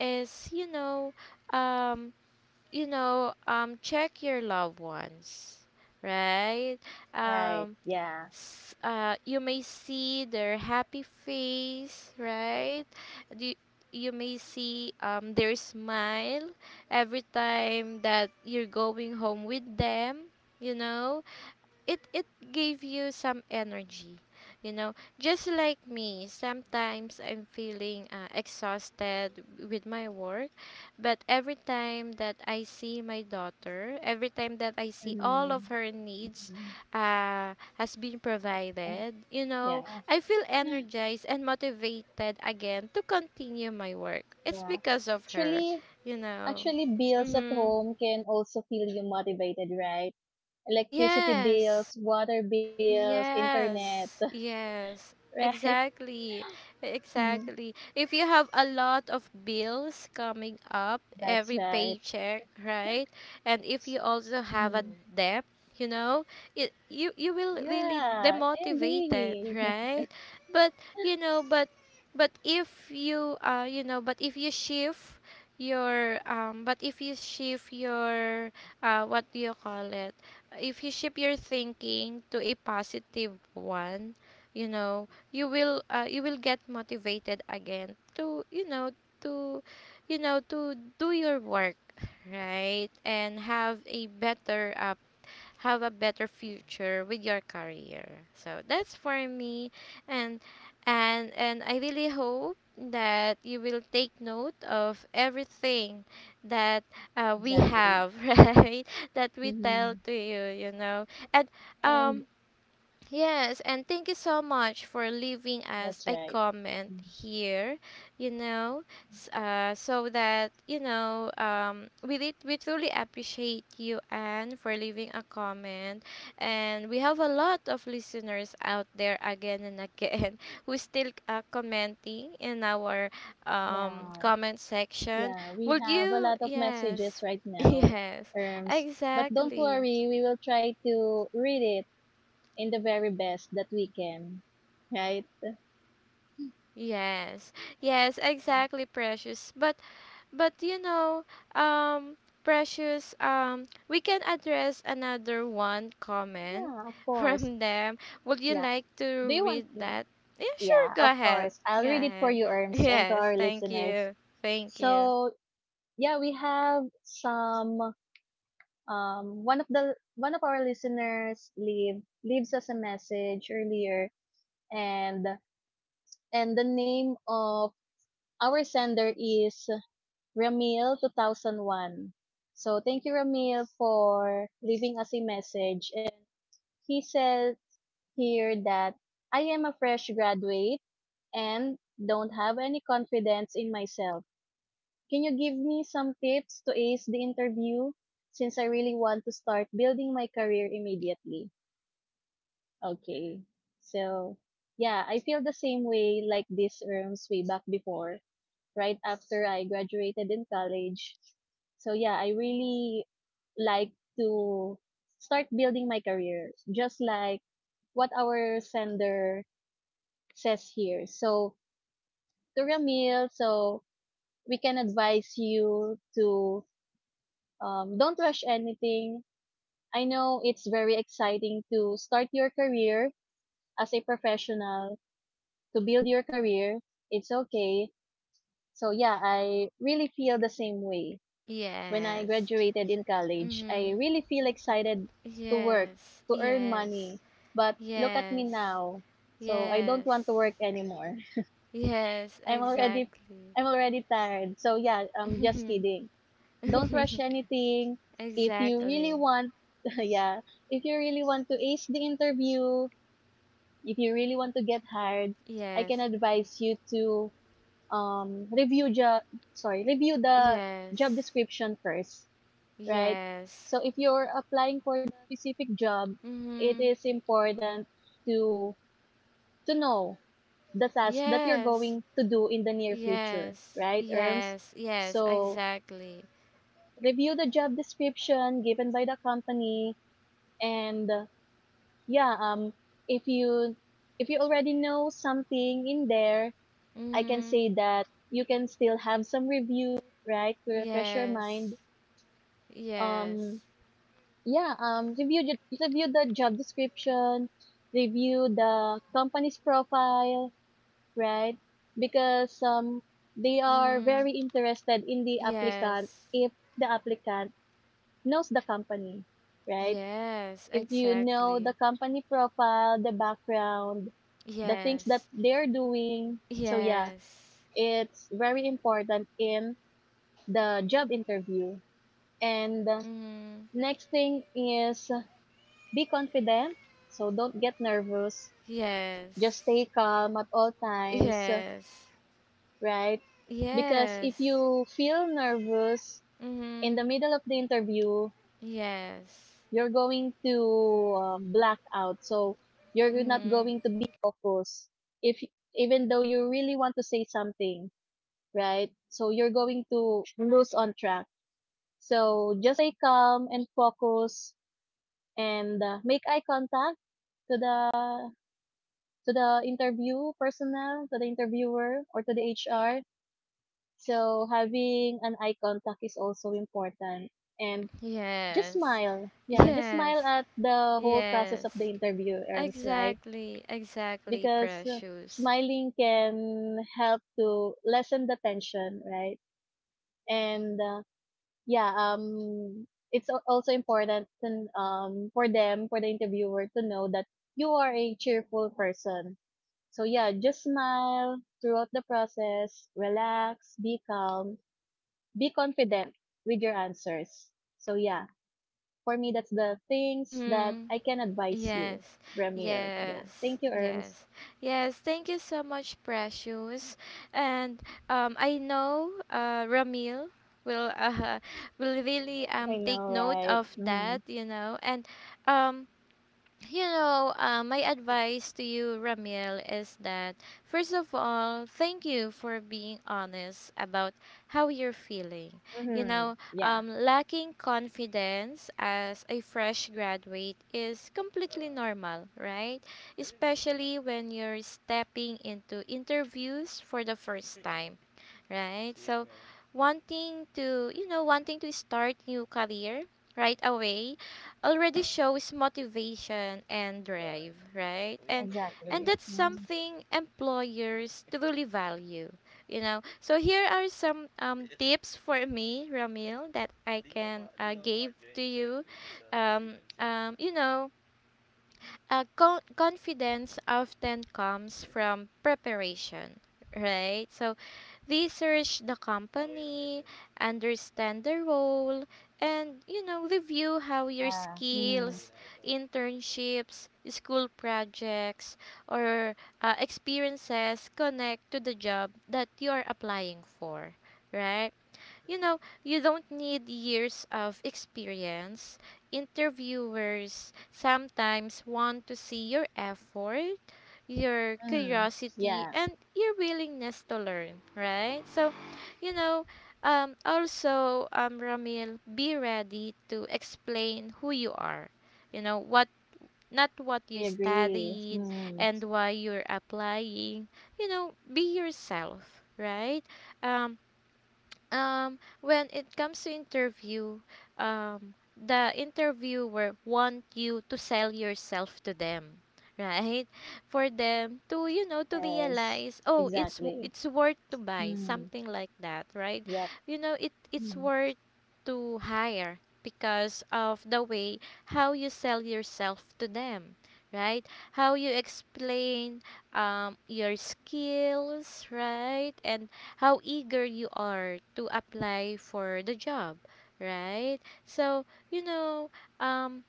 S1: is, um, you know, check your loved ones, right?
S2: right.
S1: Um,
S2: Yeah.
S1: you may see their happy face, right? You, you may see their smile every time that you're going home with them, you know? It gave you some energy, you know, just like me sometimes I'm feeling exhausted with my work, but every time that I see my daughter, every time that I see all
S2: Mm-hmm.
S1: of her needs
S2: Mm-hmm.
S1: uh, has been
S2: Oh,
S1: provided, you know,
S2: yeah.
S1: I feel energized and motivated again to continue my work. It's
S2: Yeah.
S1: because of her,
S2: Actually,
S1: you know.
S2: actually, bills at
S1: Mm-hmm.
S2: home can also feel you motivated, right? Electricity
S1: Yes.
S2: bills, water bills, internet,
S1: Yes, yes,
S2: right?
S1: exactly,
S2: Mhm.
S1: exactly. If you have a lot of bills coming up
S2: That's
S1: every
S2: right.
S1: paycheck, right? And if you also have a
S2: Hmm.
S1: debt, you know, it, you will
S2: Yeah,
S1: really
S2: I
S1: demotivated,
S2: agree.
S1: right? But you know, but if you you know, but if you shift your but if you shift your what do you call it? If you shift your thinking to a positive one, you know, you will get motivated again to, you know, to you know, to do your work, right? And have a better future with your career. So that's for me, and and I really hope that you will take note of everything that we
S2: Exactly.
S1: have right, that we tell
S2: Mm-hmm.
S1: to you, you know, and um yes, and thank you so much for leaving us
S2: That's
S1: a
S2: right.
S1: comment
S2: Mm.
S1: here, you know, so that, you know, we, did, we truly appreciate you, Anne, for leaving a comment. And we have a lot of listeners out there again and again who still commenting in our
S2: Yeah,
S1: comment section.
S2: yeah. We
S1: Would
S2: have a
S1: you?
S2: lot of messages
S1: Yes,
S2: right now,
S1: yes,
S2: terms. But don't
S1: exactly.
S2: worry, we will try to read it in the very best that we can. Right?
S1: Yes. Yes,
S2: Mm.
S1: exactly, Precious. But you know, um Precious, we can address another one comment
S2: Yeah, of course.
S1: from them. Would you
S2: Yeah.
S1: like to
S2: Do you want
S1: read
S2: me?
S1: that? Yeah, sure,
S2: Yeah,
S1: go
S2: of
S1: ahead.
S2: course. I'll
S1: Go
S2: read it for
S1: ahead.
S2: you, Erms, and to
S1: Yes,
S2: our
S1: thank
S2: listeners.
S1: you. Thank you.
S2: So, yeah, we have some, one of our listeners leaves us a message earlier, and the name of our sender is Ramil2001. So thank you, Ramil, for leaving us a message. And he said here that I am a fresh graduate and don't have any confidence in myself. Can you give me some tips to ace the interview since I really want to start building my career immediately? Okay. So, yeah, I feel the same way like this, Erms, way back before, right after I graduated in college. So yeah, I really like to start building my career, just like what our sender says here. So, to Ramil, so we can advise you to, don't rush anything. I know it's very exciting to start your career as a professional, to build your career. It's okay. So yeah, I really feel the same way. When I
S1: Yes.
S2: graduated in college, I
S1: Mhm.
S2: really feel excited to work,
S1: Yes.
S2: to earn
S1: Yes.
S2: money. But look at me
S1: Yes.
S2: now. So I don't want to
S1: Yes.
S2: work anymore.
S1: Yes,
S2: I'm already
S1: exactly.
S2: I'm already tired. So yeah, I'm just kidding. Don't rush anything. If you really
S1: Exactly.
S2: want yeah, if you really want to ace the interview, if you really want to get hired, I can
S1: Yes.
S2: advise you to um review job review the job
S1: Yes.
S2: description first, right?
S1: Yes.
S2: So if you're applying for the specific job, it
S1: Mhm.
S2: is important to know the task that you're
S1: Yes.
S2: going to do in the near future,
S1: Yes.
S2: right, Erms?
S1: Yes. Yes.
S2: So
S1: Exactly.
S2: review the job description given by the company, and yeah, if you already know something in there, I can
S1: Mhm.
S2: say that you can still have some review, right, to refresh your
S1: Yes.
S2: mind. Um
S1: Yes.
S2: yeah review the job description, review the company's profile, right? Because they are
S1: Mhm.
S2: very interested in the applicant
S1: Yes.
S2: if the applicant knows the company, right?
S1: Yes.
S2: If you know the
S1: Exactly.
S2: company profile, the background, the things that
S1: Yes.
S2: they're doing, so yeah,
S1: Yes.
S2: it's very important in the job interview. And
S1: Mhm.
S2: next thing is be confident. So don't get nervous. Just
S1: Yes.
S2: stay calm at all times,
S1: Yes.
S2: right? Because
S1: Yes.
S2: if you feel nervous in the
S1: Mhm.
S2: middle of the interview,
S1: Yes.
S2: you're going to black out. So you're not
S1: Mhm.
S2: going to be focused. If even though you really want to say something, right? So you're going to lose on track. So just stay calm and focus, and make eye contact to the interview personnel, to the interviewer, or to the HR. So having an eye contact is also important. And just
S1: Yes.
S2: smile. Yeah, just smile
S1: Yes.
S2: at the whole process of
S1: Yes.
S2: the interview, Erms, right?
S1: Exactly. Exactly,
S2: Because
S1: precious.
S2: smiling can help to lessen the tension, right? And yeah, it's al- also important to, for them, for the interviewer to know that you are a cheerful person. So yeah, just smile throughout the process, relax, be calm, be confident with your answers. So yeah, for me, that's the things that
S1: Mhm.
S2: I can advise you,
S1: Yes.
S2: Ramil.
S1: Yes.
S2: Yeah. Thank you, Erms.
S1: Yes. Yes, thank you so much, precious. And I know Ramil will will really
S2: I
S1: take
S2: know,
S1: note
S2: right?
S1: of
S2: Mm-hmm.
S1: that, you know. And um you know, my advice to you, Ramil, is that first of all, thank you for being honest about how you're feeling. You
S2: Mm-hmm.
S1: know,
S2: Yeah.
S1: lacking confidence as a fresh graduate is completely normal, right? Especially when you're stepping into interviews for the first time, right? So wanting to, you know, wanting to start new career right away already shows motivation and drive, right? And
S2: Exactly.
S1: that's
S2: Mm.
S1: something employers truly value, you know. So here are some tips for me, Ramil, that I can give to you. You know, confidence often comes from preparation, right? So research the company, understand the role, and you know, review how your
S2: Yeah. Mm.
S1: skills, internships, school projects, or experiences connect to the job that you are applying for, right? You know, you don't need years of experience. Interviewers sometimes want to see your effort, your
S2: Mm.
S1: curiosity,
S2: Yeah.
S1: and your willingness to learn, right? So, you know, also, Ramil, be ready to explain who you are, you know, what not what
S2: I
S1: you
S2: agree.
S1: studied
S2: Mm.
S1: and why you're applying. You know, be yourself, right? um when it comes to interview, the interviewer want you to sell yourself to them right, for them to you know to
S2: Yes.
S1: realize oh
S2: Exactly.
S1: it's worth to buy
S2: Mm.
S1: something like that, right?
S2: Yep.
S1: You know, it it's
S2: Mm.
S1: worth to hire because of the way how you sell yourself to them, right? How you explain your skills, right? And how eager you are to apply for the job, right? So, you know, um,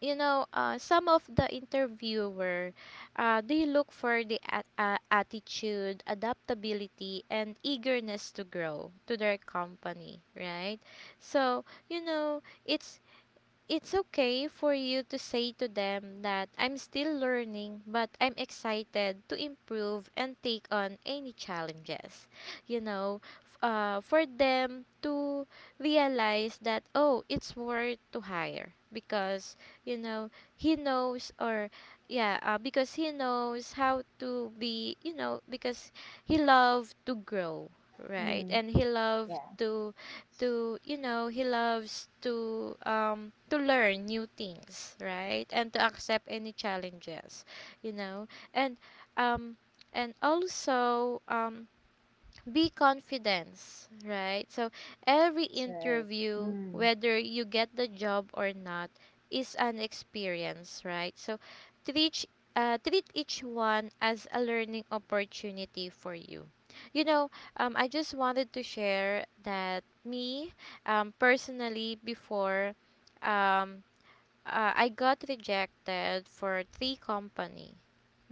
S1: you know, some of the interviewer, they look for the attitude, adaptability, and eagerness to grow to their company, right? So, you know, it's okay for you to say to them that I'm still learning, but I'm excited to improve and take on any challenges. You know, for them to realize that, oh, it's worth to hire because, you know, he knows or, yeah, because he knows how to be, you know, because he loved to grow, right?
S2: Mm.
S1: And he loved
S2: Yeah.
S1: to you know he loves to learn new things, right? And to accept any challenges, you know. And um also be confidence, right? So every
S2: That's right.
S1: interview, whether you get the job or not, is an experience, right? So treat treat each one as a learning opportunity for you. You know, I just wanted to share that personally, um, I got rejected for three company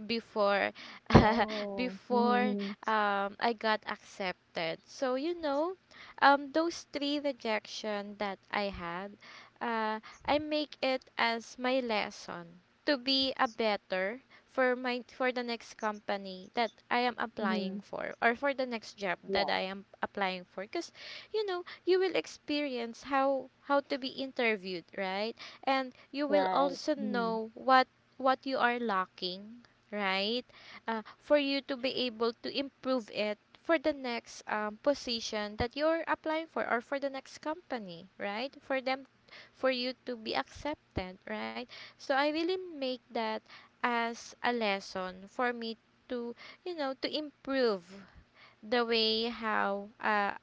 S1: before
S2: Oh.
S1: before
S2: Mhm.
S1: I got accepted. So those three rejection that I had, uh, I make it as my lesson to be a better for my for the next company that I am applying
S2: Mhm.
S1: for or for the next job that
S2: Yeah.
S1: I am applying for because you know you will experience how to be interviewed, right? And you will
S2: Right.
S1: also
S2: Mhm.
S1: know what you are lacking, right? For you to be able to improve it for the next position that you're applying for or for the next company, right? For them, for you to be accepted, right? So I really make that as a lesson for me to, you know, to improve the way how uh,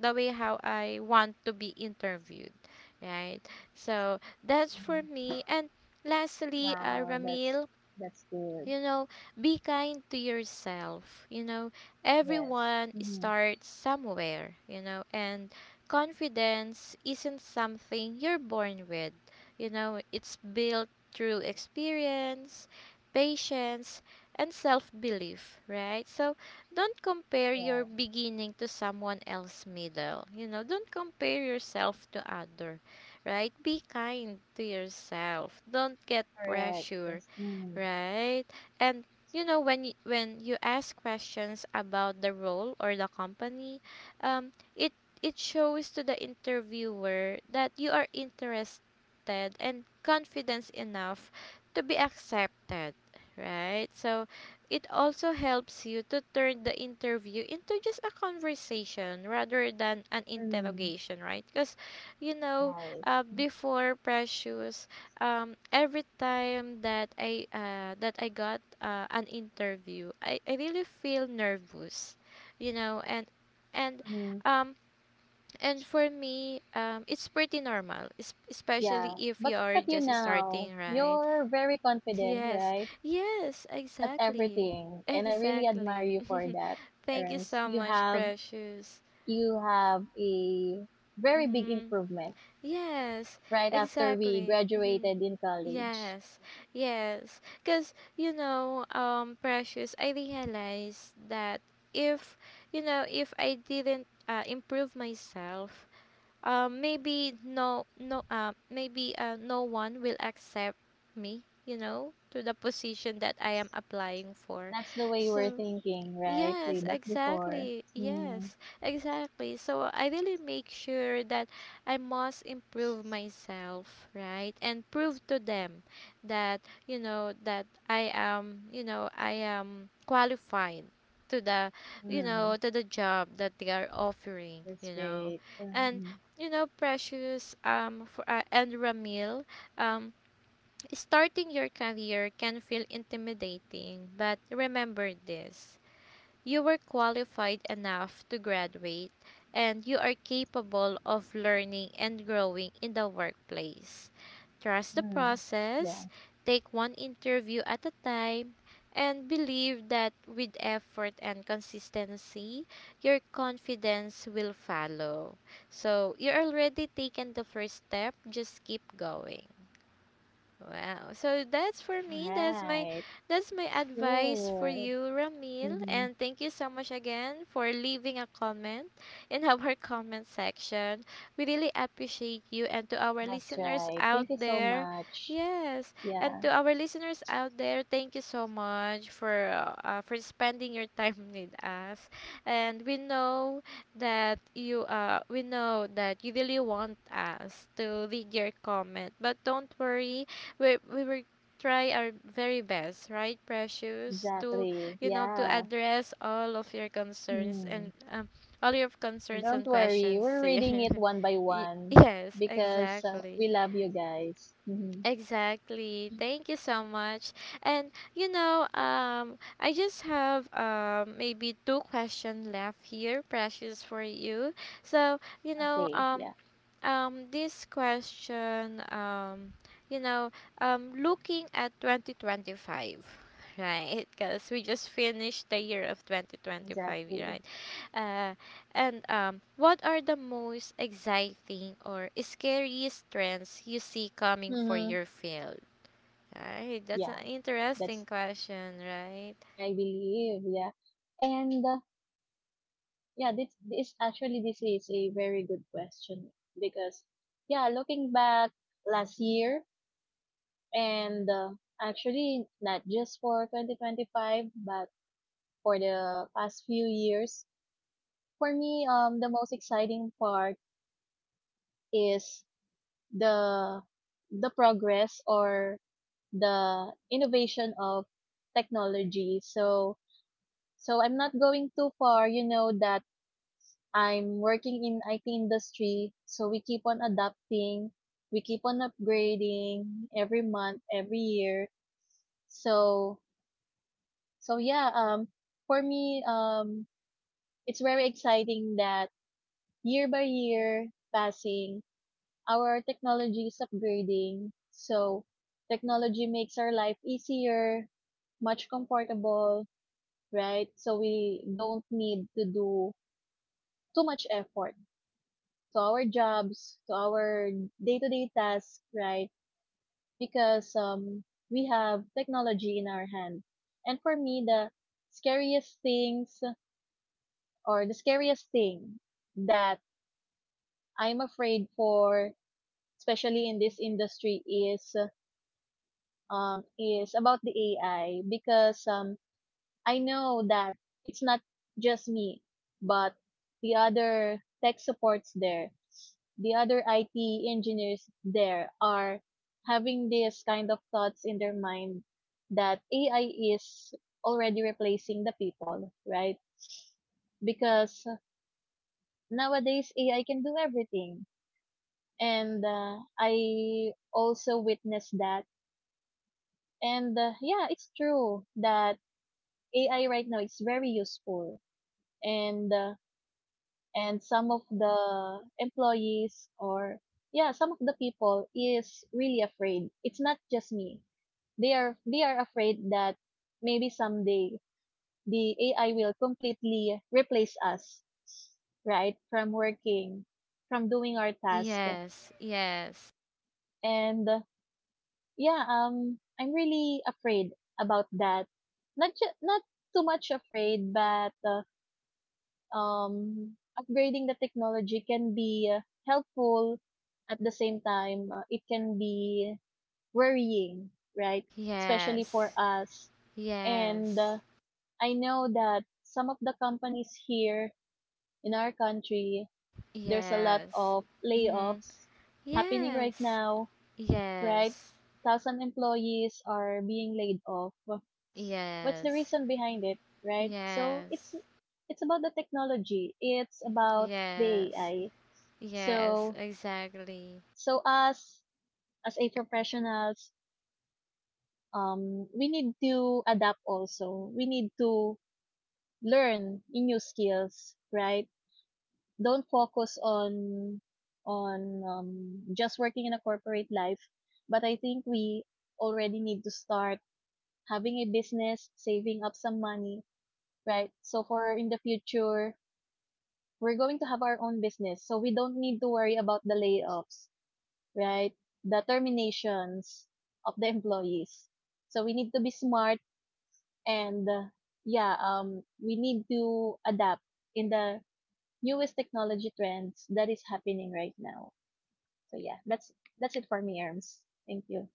S1: the way how I want to be interviewed, right? So that's for
S2: Mhm.
S1: me. And lastly,
S2: Wow.
S1: Ramil,
S2: That's good.
S1: you know, be kind to yourself. You know,
S2: Yes.
S1: everyone
S2: Mhm.
S1: starts somewhere, you know, and confidence isn't something you're born with. You know, it's built through experience, patience, and self belief, right? So don't compare your
S2: Yeah.
S1: beginning to someone else's middle. You know, don't compare yourself to other, right? Be kind to yourself. Don't get
S2: Correct.
S1: pressure.
S2: Yes. Mm.
S1: Right. And you know when when you ask questions about the role or the company, um, it it shows to the interviewer that you are interested and confident enough to be accepted, right? So it also helps you to turn the interview into just a conversation rather than an
S2: Mm.
S1: interrogation, right? Because you know,
S2: Right.
S1: before Precious, every time that I got an interview, I really feel nervous, you know, and and
S2: Mhm.
S1: um and for me, it's pretty normal, especially
S2: Yeah.
S1: if
S2: But
S1: you're
S2: look at you
S1: just
S2: now.
S1: starting, right?
S2: You're very confident,
S1: Yes.
S2: right?
S1: Yes,
S2: At
S1: exactly.
S2: everything, and I really admire
S1: Exactly.
S2: you for that.
S1: Thank you
S2: Erms,
S1: so much, Precious.
S2: you have a very big
S1: Mm-hmm.
S2: improvement
S1: Yes,
S2: right after we
S1: exactly. Mhm.
S2: graduated in college.
S1: Yes, yes. Because, you know, Precious, I realized that if, you know, if I didn't improve myself, maybe maybe no one will accept me, you know, to the position that I am applying for.
S2: That's the way we're
S1: So,
S2: thinking, right? Way
S1: yes,
S2: back before.
S1: exactly.
S2: Mm,
S1: Yes, exactly. So I really make sure that I must improve myself, right? And prove to them that, you know, that I am, you know, I am qualified to the, you
S2: mm,
S1: know, to the job that they are offering,
S2: that's
S1: you know.
S2: great.
S1: And
S2: Mm,
S1: you know, Precious for and Ramil, um starting your career can feel intimidating, but remember this: you were qualified enough to graduate and you are capable of learning and growing in the workplace. Trust the
S2: mm, yeah.
S1: process, take one interview at a time, and believe that with effort and consistency, your confidence will follow. So, you already taken the first step, just keep going. Wow. So that's for me.
S2: Right.
S1: That's my
S2: That's
S1: advice for
S2: good.
S1: you, Ramil.
S2: Mm-hmm.
S1: And thank you so much again for leaving a comment in our comment section. We really appreciate you and to our
S2: That's
S1: listeners
S2: right.
S1: out
S2: Thank you so
S1: there.
S2: much.
S1: Yes. And
S2: Yeah,
S1: to our listeners out there, thank you so much for spending your time with us. And we know that you we know that you really want us to read your comment, but don't worry, we will try our very best, right, Precious, to
S2: exactly.
S1: you know to
S2: Yeah.
S1: address all of your concerns and
S2: Mm.
S1: all your concerns
S2: Don't
S1: and
S2: worry.
S1: questions
S2: We're reading
S1: here.
S2: it one by one
S1: Yes,
S2: because
S1: exactly.
S2: we love you guys. Mm-hmm.
S1: Exactly. Thank you so much. And you know, I just have maybe two questions left here, Precious, for you. So
S2: Okay. Yeah,
S1: this question, you know, looking at 2025 right, because we just finished the year of 2025,
S2: exactly.
S1: right? uh, and what are the most exciting or scariest trends you see coming for
S2: Mm-hmm.
S1: your field, right? That's
S2: Yeah,
S1: an interesting
S2: that's
S1: question, right?
S2: I believe. Yeah. And this is a very good question because yeah, looking back last year, and actually not just for 2025, but for the past few years, for me the most exciting part is the the progress or the innovation of technology. So, so I'm not going too far, you know that I'm working in IT industry, so we keep on adapting, we keep on upgrading every month, every year. So so yeah, for me, it's very exciting that year by year passing, our technology is upgrading. So technology makes our life easier, much comfortable, right? So we don't need to do too much effort to our jobs, to our day-to-day tasks, right? Because we have technology in our hand. And for me, scariest things the scariest thing that I'm afraid for, especially in this industry, is about the AI. Because I know that it's not just me, but the other tech supports there, the other IT engineers there are having this kind of thoughts in their mind that AI is already replacing the people, right? Because nowadays AI can do everything. And I also witnessed that. It's true that AI right now is very useful. And uh, and some of the employees or, yeah, some of the people is really afraid. It's not just me. They are afraid that maybe someday the ai will completely replace us, right? From working, from doing our task.
S1: Yes. Yes.
S2: And yeah I'm really afraid about that. Not too much afraid, but um, upgrading the technology can be, helpful. At the same time, it can be worrying, right? Especially for
S1: Yes.
S2: us. And
S1: Yes.
S2: I know that some of the companies here in our country, there's a lot
S1: Yes.
S2: of
S1: Mm-hmm.
S2: layoffs happening right
S1: Yes,
S2: now, right?
S1: yes,
S2: Thousand employees are being laid off. What's the
S1: yes,
S2: reason behind it, right? So it's
S1: yes,
S2: it's about the technology. It's about the
S1: yes,
S2: AI.
S1: yes,
S2: So
S1: exactly.
S2: so us as a professionals, we need to adapt also. We need to learn new skills, right? Don't focus on on just working in a corporate life, but I think we already need to start having a business, saving up some money, right? So for in the future, we're going to have our own business. So we don't need to worry about the layoffs, right? The terminations of the employees. So we need to be smart, and yeah, we need to adapt in the newest technology trends that is happening right now. So yeah, that's it for me, Arms. Thank you.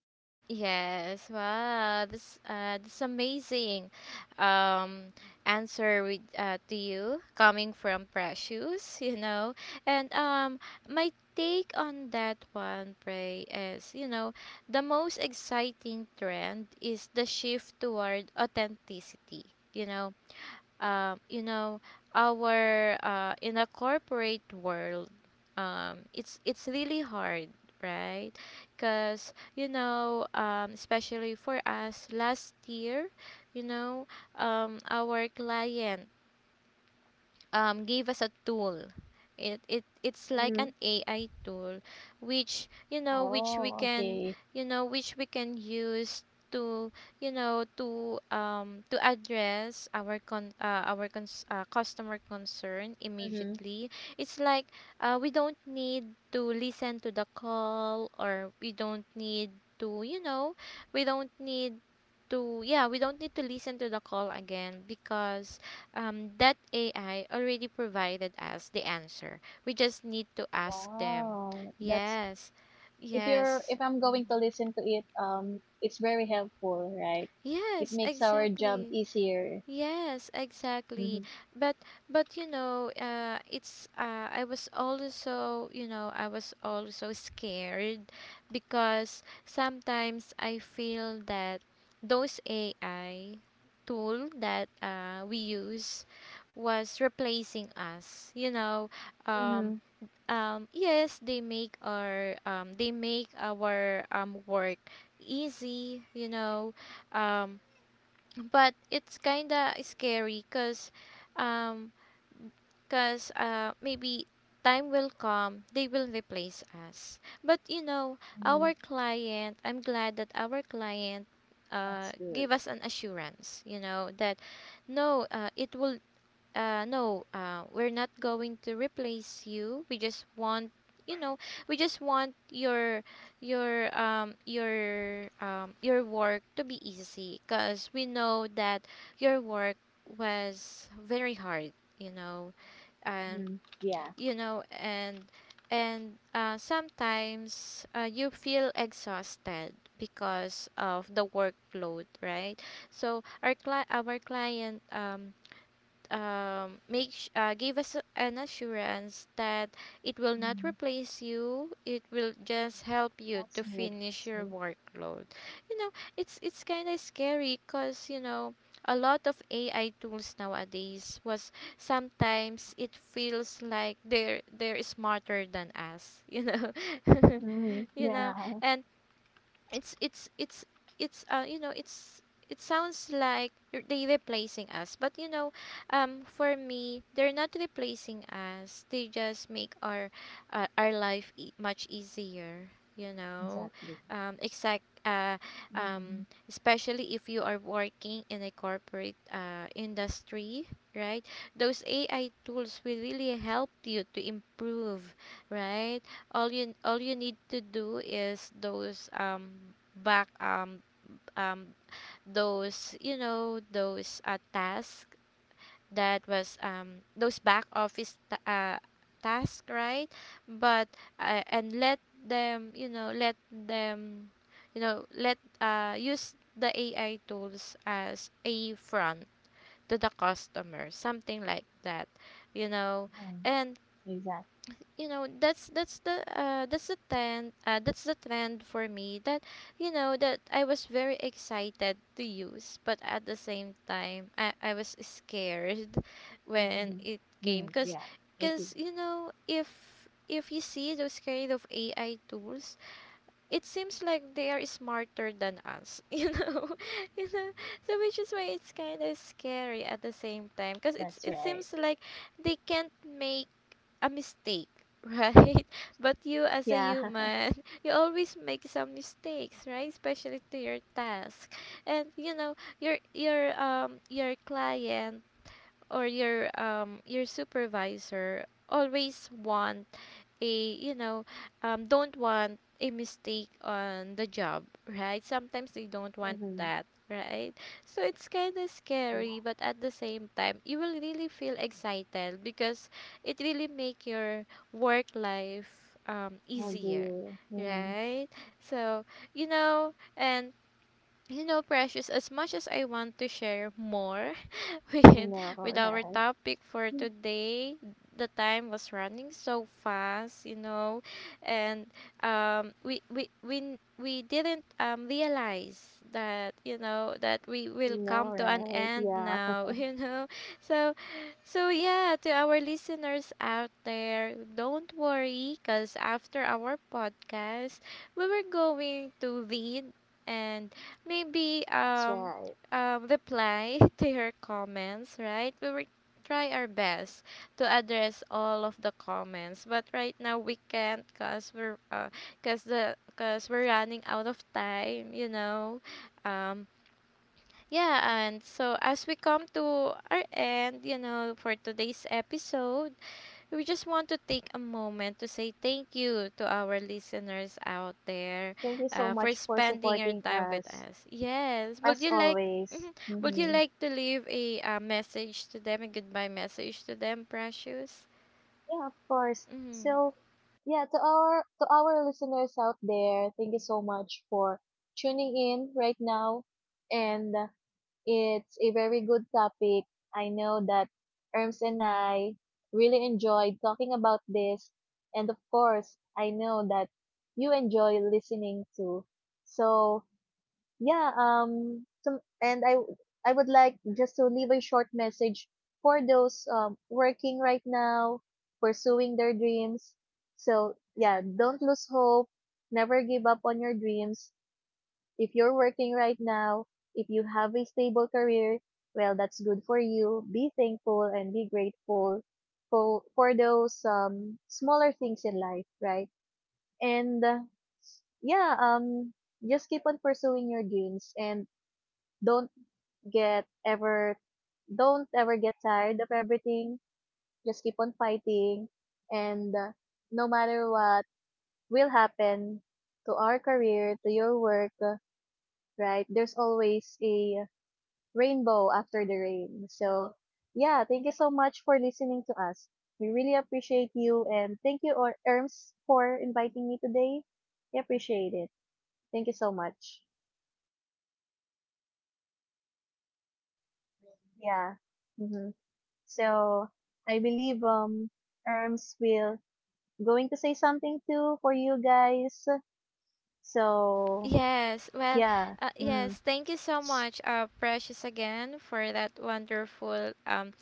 S1: Yes, wow, this this amazing um answer with to you coming from Precious, you know. And my take on that one, Pray, is, you know, the most exciting trend is the shift toward authenticity, you know. You know, our in a corporate world, it's really hard, right? Because you know, especially for us last year, you know, our client gave us a tool. It's like
S2: Mm-hmm.
S1: an AI tool, which we
S2: Oh,
S1: can
S2: okay.
S1: you know which we can use to address our con our cons- customer concern
S2: Mm-hmm.
S1: immediately. It's like we don't need to listen to the call, or we don't need to we don't need to we don't need to listen to the call again because that AI already provided us the answer. We just need to ask them.
S2: Wow. that's.
S1: Yes,
S2: If you're
S1: yes,
S2: if I'm going
S1: mm,
S2: to listen to it, it's very helpful, right? It
S1: yes,
S2: makes our job
S1: exactly.
S2: easier.
S1: Yes, exactly.
S2: Mm-hmm.
S1: But you know, it's I was also I was also scared because sometimes I feel that those AI tool that we use was replacing us. You know, um,
S2: Mm-hmm.
S1: yes, they make our work easy. You know, um, but it's kinda scary um because maybe time will come, they will replace us. But you know,
S2: Mm-hmm.
S1: our client, I'm glad that our client
S2: That's good.
S1: gave us an assurance, you know, that no it will no we're not going to replace you, we just want, you know, we just want your your work to be easy because we know that your work was very hard, you know. um
S2: Mm-hmm. Yeah.
S1: and sometimes you feel exhausted because of the workload, right? So our client give us an assurance that it will not
S2: Mm-hmm.
S1: replace you, it will just help you
S2: That's
S1: to
S2: good.
S1: finish
S2: That's
S1: your
S2: good.
S1: workload, you know. It's kind of scary because you know a lot of AI tools nowadays was sometimes it feels like they're smarter than us, you know.
S2: Mm-hmm.
S1: You know,
S2: Yeah.
S1: and it's it's it's it's you know it's it sounds like they replacing us, but you know, for me they're not replacing us, they just make our life much easier, you know.
S2: Exactly.
S1: Exact
S2: Mm-hmm.
S1: Especially if you are working in a corporate industry, right? Those AI tools will really help you to improve, right? All you need to do is those back um those you know those tasks that was those back office task, right? but and let them you know let them you know let use the AI tools as a front to the customer, something like that, you know.
S2: Mm,
S1: And
S2: exactly.
S1: you know that's the trend, that's the trend for me that you know that I was very excited to use, but at the same time I was scared when
S2: Mm-hmm.
S1: it came
S2: Mm-hmm. Yeah. I think
S1: because you know if you see those kind of AI tools, it seems like they are smarter than us, you know, you know. So which is why it's kind of scary at the same time because
S2: that's
S1: it
S2: right.
S1: seems like they can't make a mistake, right? But you as a
S2: Yeah.
S1: human, you always make some mistakes, right, especially to your task. And you know your client or your supervisor always want a you know don't want a mistake on the job, right? Sometimes they don't want
S2: Mm-hmm.
S1: that, right? So it's kind of scary,
S2: Yeah.
S1: but at the same time you will really feel excited because it really make your work life
S2: I
S1: easier,
S2: agree. Mm-hmm.
S1: right? So you know, and you know, Precious, as much as I want to share more
S2: I
S1: with
S2: know,
S1: with our
S2: right?
S1: topic for today. The time was running so fast, you know, and we we didn't realize that you know that we
S2: I
S1: will
S2: know,
S1: come to an
S2: right?
S1: end
S2: Yeah.
S1: now, you know. So so yeah, to our listeners out there, don't worry, cause after our podcast, we were going to read and maybe
S2: That's right.
S1: reply to your comments, right? We will try our best to address all of the comments, but right now we can't cause we're cause the cause we're running out of time, you know. Um, yeah, and so as we come to our end, you know, for today's episode, we just want to take a moment to say thank you to our listeners out there,
S2: Thank you so
S1: for
S2: much for
S1: spending your
S2: supporting
S1: time with
S2: us,
S1: us. Yes, would
S2: as
S1: you like
S2: always.
S1: mhm. Would you
S2: Mm-hmm.
S1: like to leave a message to them, a goodbye message to them, Precious?
S2: Yeah, of course.
S1: Mm-hmm.
S2: So, yeah, to our listeners out there, thank you so much for tuning in right now. And It's a very good topic. I know that Erms and I really enjoyed talking about this, and of course, I know that you enjoy listening too. So, yeah, some and I w- I would like just to leave a short message for those, working right now, pursuing their dreams. So yeah, don't lose hope, never give up on your dreams. If you're working right now, if you have a stable career, well, that's good for you. Be thankful and be grateful for those, smaller things in life, right? and yeah um just keep on pursuing your dreams, and don't get ever don't ever get tired of everything. Just keep on fighting, and no matter what will happen to our career, to your work, right? There's always a rainbow after the rain. So, yeah, thank you so much for listening to us. We really appreciate you, and thank you or Erms for inviting me today. We appreciate it. Thank you so much. Yeah. Mm-hmm. So I believe, Erms will going to say something too for you guys. So
S1: Yes, well,
S2: yeah. Mm.
S1: yes, thank you so much, Precious, again for that wonderful,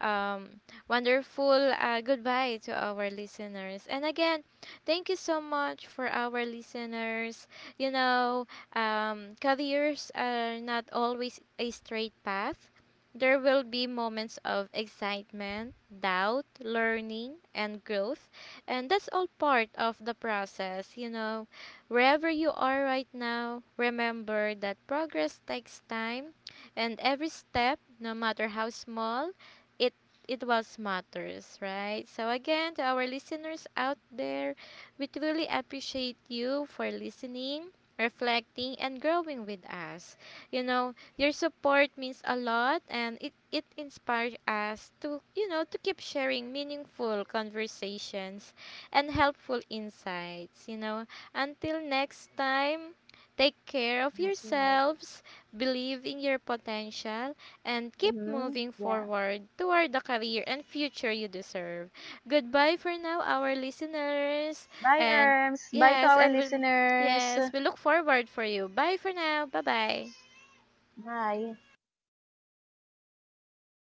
S1: um, wonderful goodbye to our listeners. And again, thank you so much for our listeners. You know, careers are not always a straight path. There will be moments of excitement, doubt, learning, and growth, and that's all part of the process, you know. Wherever you are right now, remember that progress takes time and every step, no matter how small, it it was matters, right? So again, to our listeners out there, we truly appreciate you for listening, reflecting and growing with us. You know, your support means a lot and it inspires us to, you know, to keep sharing meaningful conversations and helpful insights, you know. Until next time, take care of
S2: That's right.
S1: yourselves, believe in your potential, and keep
S2: Hmm.
S1: moving
S2: Yeah.
S1: forward toward the career and future you deserve. Goodbye for now, our listeners.
S2: Bye
S1: And
S2: Erms. Bye to
S1: yes,
S2: our listeners.
S1: yes, we look forward for you. Bye for now. Bye bye.
S2: Bye.